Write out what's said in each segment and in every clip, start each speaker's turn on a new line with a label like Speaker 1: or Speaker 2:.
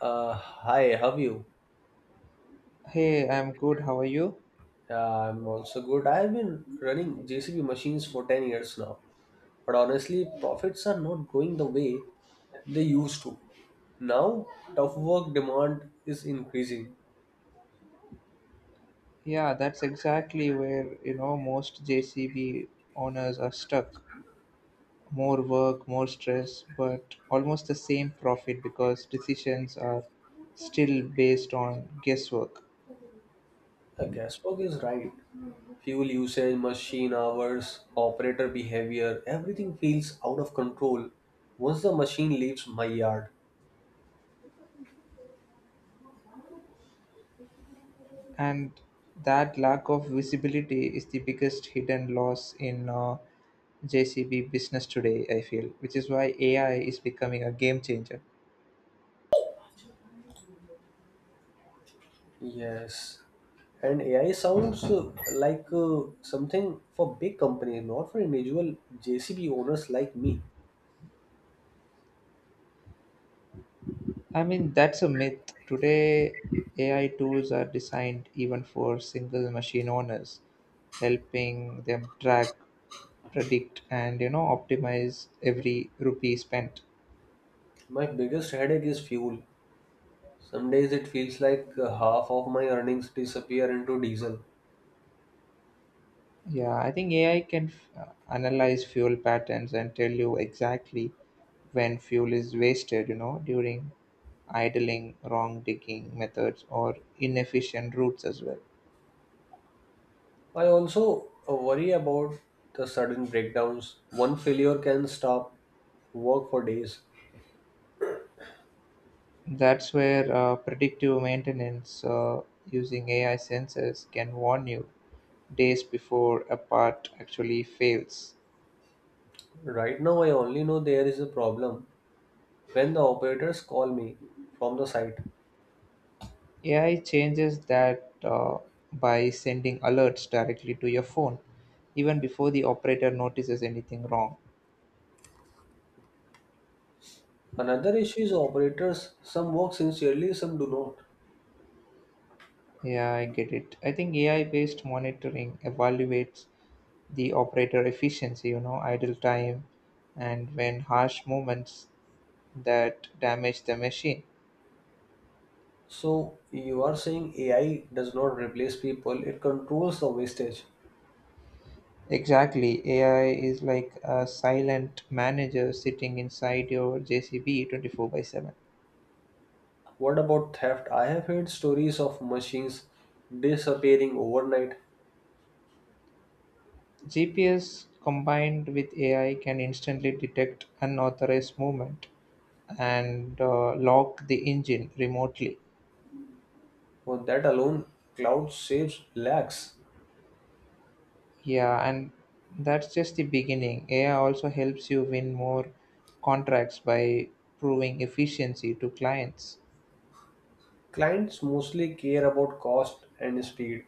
Speaker 1: Hi, how are you?
Speaker 2: Hey, I'm good. How are you?
Speaker 1: Uh, I'm also good. I've been running JCB machines for 10 years now, but honestly, profits are not growing the way they used to. Now, tough work demand is increasing.
Speaker 2: Yeah, that's exactly where, you know, most JCB owners are stuck. More work, more stress, but almost the same profit because decisions are still based on guesswork.
Speaker 1: Guesswork is right. Fuel usage, machine hours, operator behavior, everything feels out of control once the machine leaves my yard.
Speaker 2: And that lack of visibility is the biggest hidden loss in JCB business today, I feel, which is why AI is becoming a game changer.
Speaker 1: Yes. And AI sounds like something for big companies, not for individual JCB owners like me.
Speaker 2: I mean, that's a myth. Today, AI tools are designed even for single machine owners, helping them track, predict, and you know optimize every rupee spent.
Speaker 1: My biggest headache is fuel. Some days it feels like half of my earnings disappear into diesel.
Speaker 2: Yeah, I think AI can analyze fuel patterns and tell you exactly when fuel is wasted. You know, during idling, wrong digging methods, or inefficient routes as well.
Speaker 1: I also worry about the sudden breakdowns. One failure can stop work for days.
Speaker 2: That's where predictive maintenance using AI sensors can warn you days before a part actually fails.
Speaker 1: Right now, I only know there is a problem when the operators call me from the site.
Speaker 2: AI changes that by sending alerts directly to your phone, even before the operator notices anything wrong.
Speaker 1: Another issue is operators. Some work sincerely, some do not.
Speaker 2: Yeah, I get it. I think AI based monitoring evaluates the operator efficiency, you know, idle time, and when harsh movements that damage the machine.
Speaker 1: So you are saying AI does not replace people, it controls the wastage.
Speaker 2: Exactly. AI is like a silent manager sitting inside your JCB 24 by 7.
Speaker 1: What about theft? I have heard stories of machines disappearing overnight.
Speaker 2: GPS combined with AI can instantly detect unauthorized movement and lock the engine remotely.
Speaker 1: For that alone, cloud saves lakhs.
Speaker 2: Yeah, and that's just the beginning. AI also helps you win more contracts by proving efficiency to clients.
Speaker 1: Clients mostly care about cost and speed.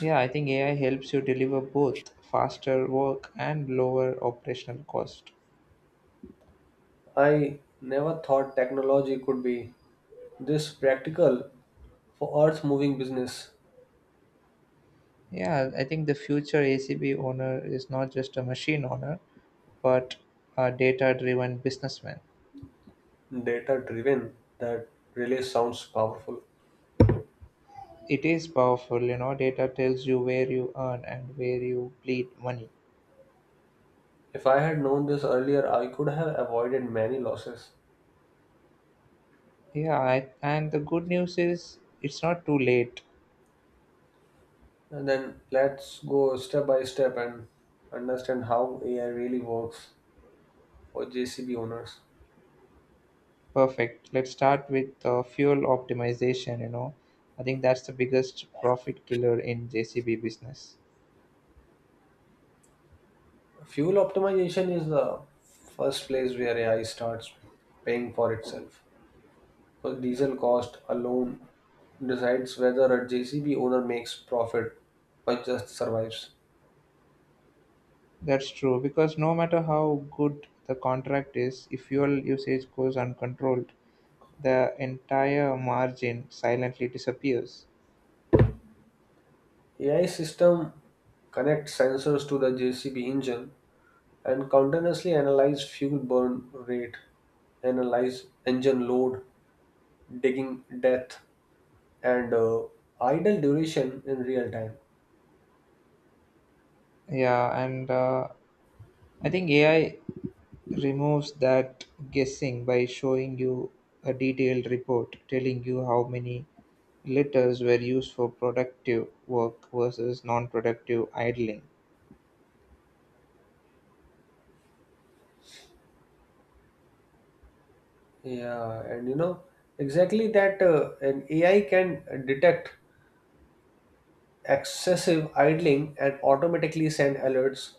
Speaker 2: Yeah, I think AI helps you deliver both faster work and lower operational cost.
Speaker 1: I never thought technology could be this practical for earth moving business.
Speaker 2: Yeah, I think the future ACB owner is not just a machine owner, but a data driven businessman.
Speaker 1: Data driven, that really sounds powerful.
Speaker 2: It is powerful, you know, data tells you where you earn and where you bleed money.
Speaker 1: If I had known this earlier, I could have avoided many losses.
Speaker 2: Yeah, I, and the good news is it's not too late.
Speaker 1: And then let's go step by step and understand how AI really works for JCB owners.
Speaker 2: Perfect. Let's start with fuel optimization, you know. I think that's the biggest profit killer in JCB business.
Speaker 1: Fuel optimization is the first place where AI starts paying for itself. So diesel cost alone decides whether a JCB owner makes profit or just survives.
Speaker 2: That's true because no matter how good the contract is, if fuel usage goes uncontrolled, the entire margin silently disappears.
Speaker 1: AI system connects sensors to the JCB engine and continuously analyze fuel burn rate, analyze engine load, digging depth, and idle duration in real time.
Speaker 2: Yeah, and I think AI removes that guessing by showing you a detailed report telling you how many liters were used for productive work versus non productive idling.
Speaker 1: Yeah, and you know exactly that an AI can detect excessive idling and automatically send alerts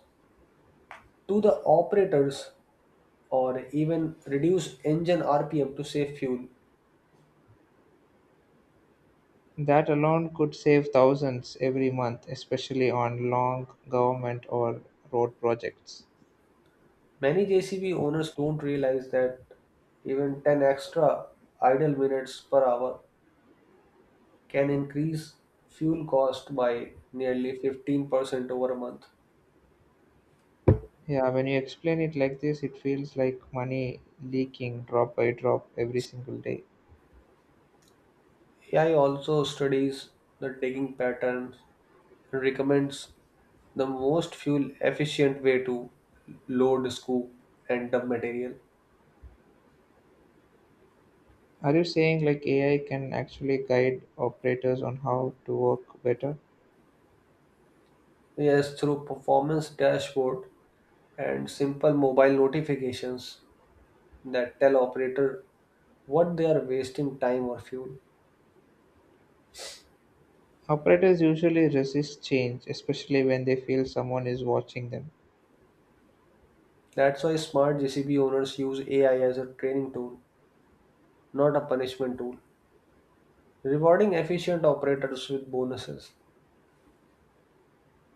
Speaker 1: to the operators or even reduce engine RPM to save fuel.
Speaker 2: That alone could save thousands every month, especially on long government or road projects.
Speaker 1: Many JCB owners don't realize that even 10 extra idle minutes per hour can increase fuel cost by nearly 15% over a month.
Speaker 2: Yeah, when you explain it like this, it feels like money leaking drop by drop every single day.
Speaker 1: AI also studies the digging patterns and recommends the most fuel efficient way to load, scoop, and dump material.
Speaker 2: Are you saying like AI can actually guide operators on how to work better?
Speaker 1: Yes, through performance dashboard and simple mobile notifications that tell operator what they are wasting time or fuel.
Speaker 2: Operators usually resist change, especially when they feel someone is watching them.
Speaker 1: That's why smart JCB owners use AI as a training tool, not a punishment tool, rewarding efficient operators with bonuses.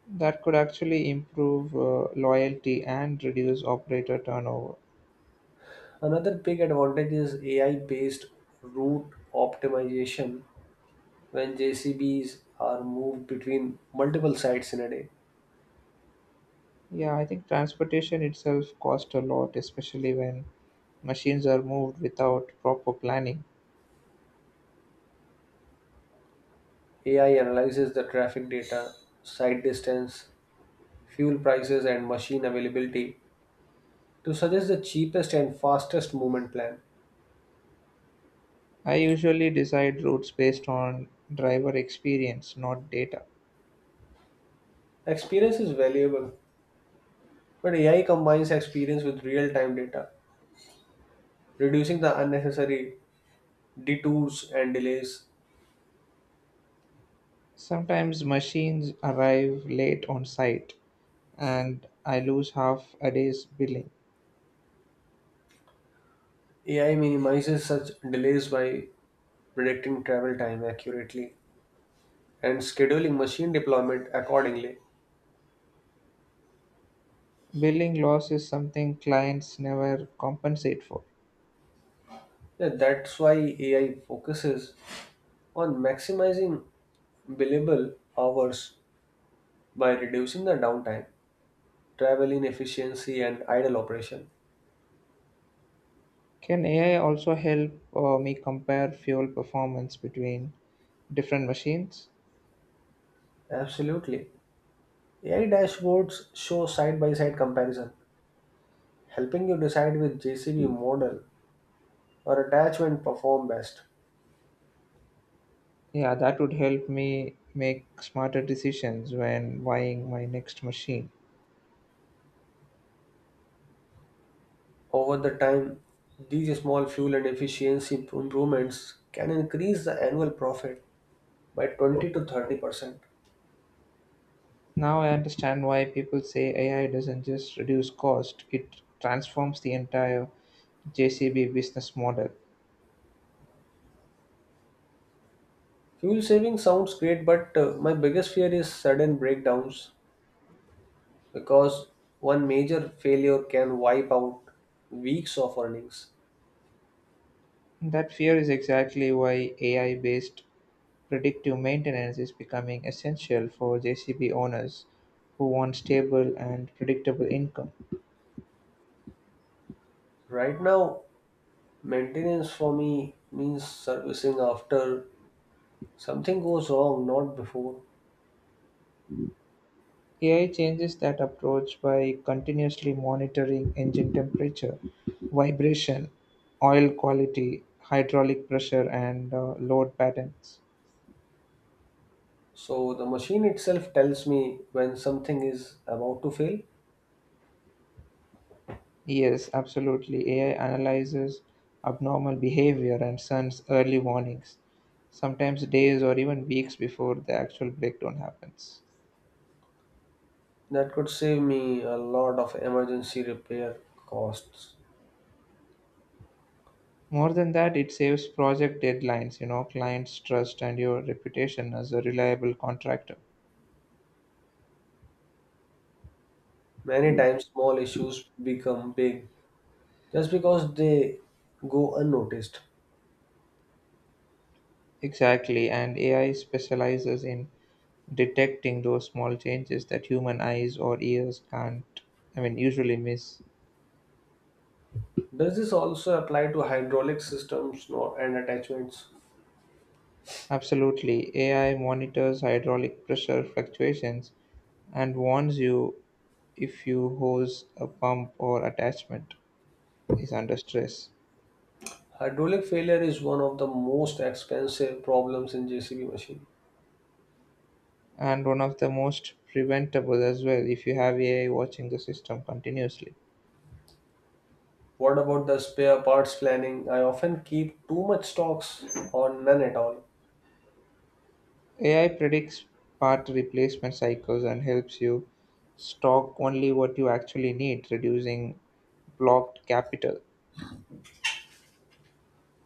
Speaker 2: That could actually improve loyalty and reduce operator turnover.
Speaker 1: Another big advantage is AI based route optimization when JCBs are moved between multiple sites in a day.
Speaker 2: Yeah, I think transportation itself costs a lot, especially when machines are moved without proper planning.
Speaker 1: AI analyzes the traffic data, site distance, fuel prices, and machine availability to suggest the cheapest and fastest movement plan.
Speaker 2: I usually decide routes based on driver experience, not data.
Speaker 1: Experience is valuable, but AI combines experience with real time data reducing the unnecessary detours and delays.
Speaker 2: Sometimes machines arrive late on site, and I lose half a day's billing.
Speaker 1: AI minimizes such delays by predicting travel time accurately and scheduling machine deployment accordingly.
Speaker 2: Billing loss is something clients never compensate for.
Speaker 1: Yeah, that's why AI focuses on maximizing billable hours by reducing the downtime, travel inefficiency, and idle operation.
Speaker 2: Can AI also help me compare fuel performance between different machines?
Speaker 1: Absolutely. AI dashboards show side by side comparison, helping you decide which JCB model or attachment perform best.
Speaker 2: Yeah, that would help me make smarter decisions when buying my next machine.
Speaker 1: Over the time, these small fuel and efficiency improvements can increase the annual profit by 20 to 30%.
Speaker 2: Now I understand why people say AI doesn't just reduce cost, it transforms the entire JCB business model.
Speaker 1: Fuel saving sounds great, but my biggest fear is sudden breakdowns because one major failure can wipe out weeks of earnings.
Speaker 2: That fear is exactly why AI based predictive maintenance is becoming essential for JCB owners who want stable and predictable income.
Speaker 1: Right now, maintenance for me means servicing after something goes wrong, not before.
Speaker 2: AI changes that approach by continuously monitoring engine temperature, vibration, oil quality, hydraulic pressure, and load patterns.
Speaker 1: So the machine itself tells me when something is about to fail.
Speaker 2: Yes, absolutely. AI analyzes abnormal behavior and sends early warnings, sometimes days or even weeks before the actual breakdown happens.
Speaker 1: That could save me a lot of emergency repair costs.
Speaker 2: More than that, it saves project deadlines, you know, clients' trust, and your reputation as a reliable contractor.
Speaker 1: Many times, small issues become big just because they go unnoticed.
Speaker 2: Exactly, and AI specializes in detecting those small changes that human eyes or ears can't, I mean, usually miss.
Speaker 1: Does this also apply to hydraulic systems and attachments?
Speaker 2: Absolutely, AI monitors hydraulic pressure fluctuations and warns you if your hose, a pump, or attachment is under stress.
Speaker 1: Hydraulic failure is one of the most expensive problems in JCB machine.
Speaker 2: And one of the most preventable as well if you have AI watching the system continuously.
Speaker 1: What about the spare parts planning? I often keep too much stocks or none at all.
Speaker 2: AI predicts part replacement cycles and helps you stock only what you actually need, reducing blocked capital.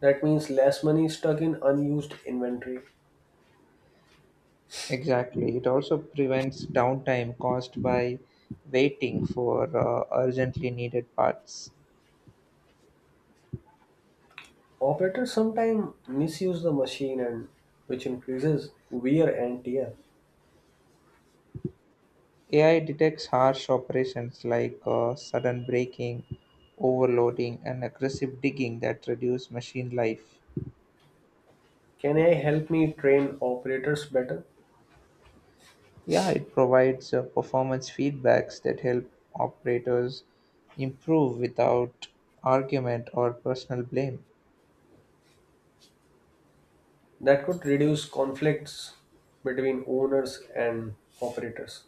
Speaker 1: That means less money stuck in unused inventory.
Speaker 2: Exactly. It also prevents downtime caused by waiting for urgently needed parts.
Speaker 1: Operators sometimes misuse the machine and which increases wear and tear.
Speaker 2: AI detects harsh operations like sudden braking, overloading, and aggressive digging that reduce machine life.
Speaker 1: Can AI help me train operators better?
Speaker 2: Yeah, it provides performance feedbacks that help operators improve without argument or personal blame.
Speaker 1: That could reduce conflicts between owners and operators.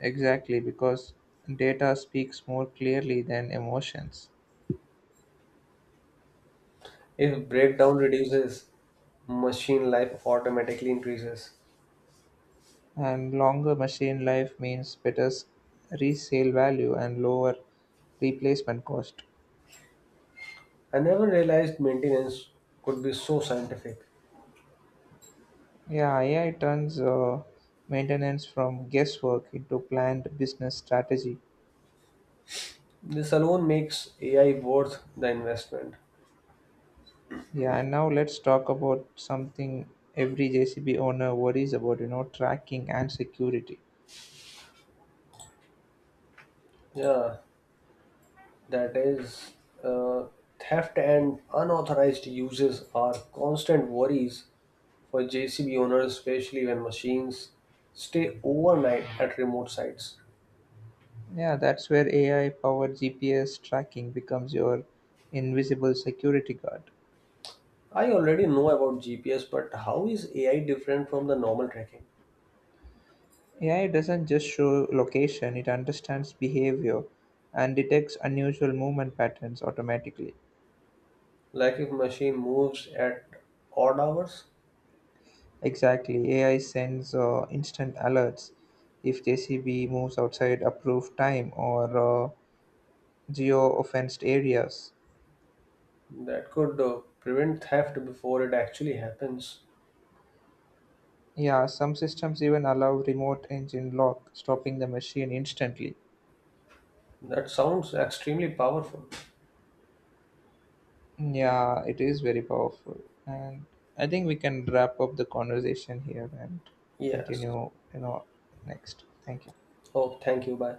Speaker 2: Exactly, because data speaks more clearly than emotions.
Speaker 1: If breakdown reduces, machine life automatically increases.
Speaker 2: And longer machine life means resale value and lower replacement cost.
Speaker 1: I never realized maintenance could be so scientific.
Speaker 2: Yeah, AI turns maintenance from guesswork into planned business strategy.
Speaker 1: This alone makes AI worth the investment.
Speaker 2: Yeah, and now let's talk about something every JCB owner worries about, you know, tracking and security.
Speaker 1: Yeah, that is uh, theft and unauthorized uses are constant worries for JCB owners, especially when machines stay overnight at remote sites.
Speaker 2: Yeah, that's where AI powered GPS tracking becomes your invisible security guard.
Speaker 1: I already know about GPS, but how is AI different from the normal tracking?
Speaker 2: AI doesn't just show location, it understands behavior and detects unusual movement patterns automatically.
Speaker 1: Like if machine moves at odd hours,
Speaker 2: Exactly, AI sends instant alerts if JCB moves outside approved time or uh, geo offensed areas.
Speaker 1: that could prevent theft before it actually happens.
Speaker 2: Yeah, some systems even allow remote engine lock, stopping the machine instantly.
Speaker 1: That sounds extremely powerful.
Speaker 2: Yeah, it is very powerful. And I think we can wrap up the conversation here and
Speaker 1: Yes.
Speaker 2: continue, you know, next. Thank you.
Speaker 1: Oh, thank you. Bye.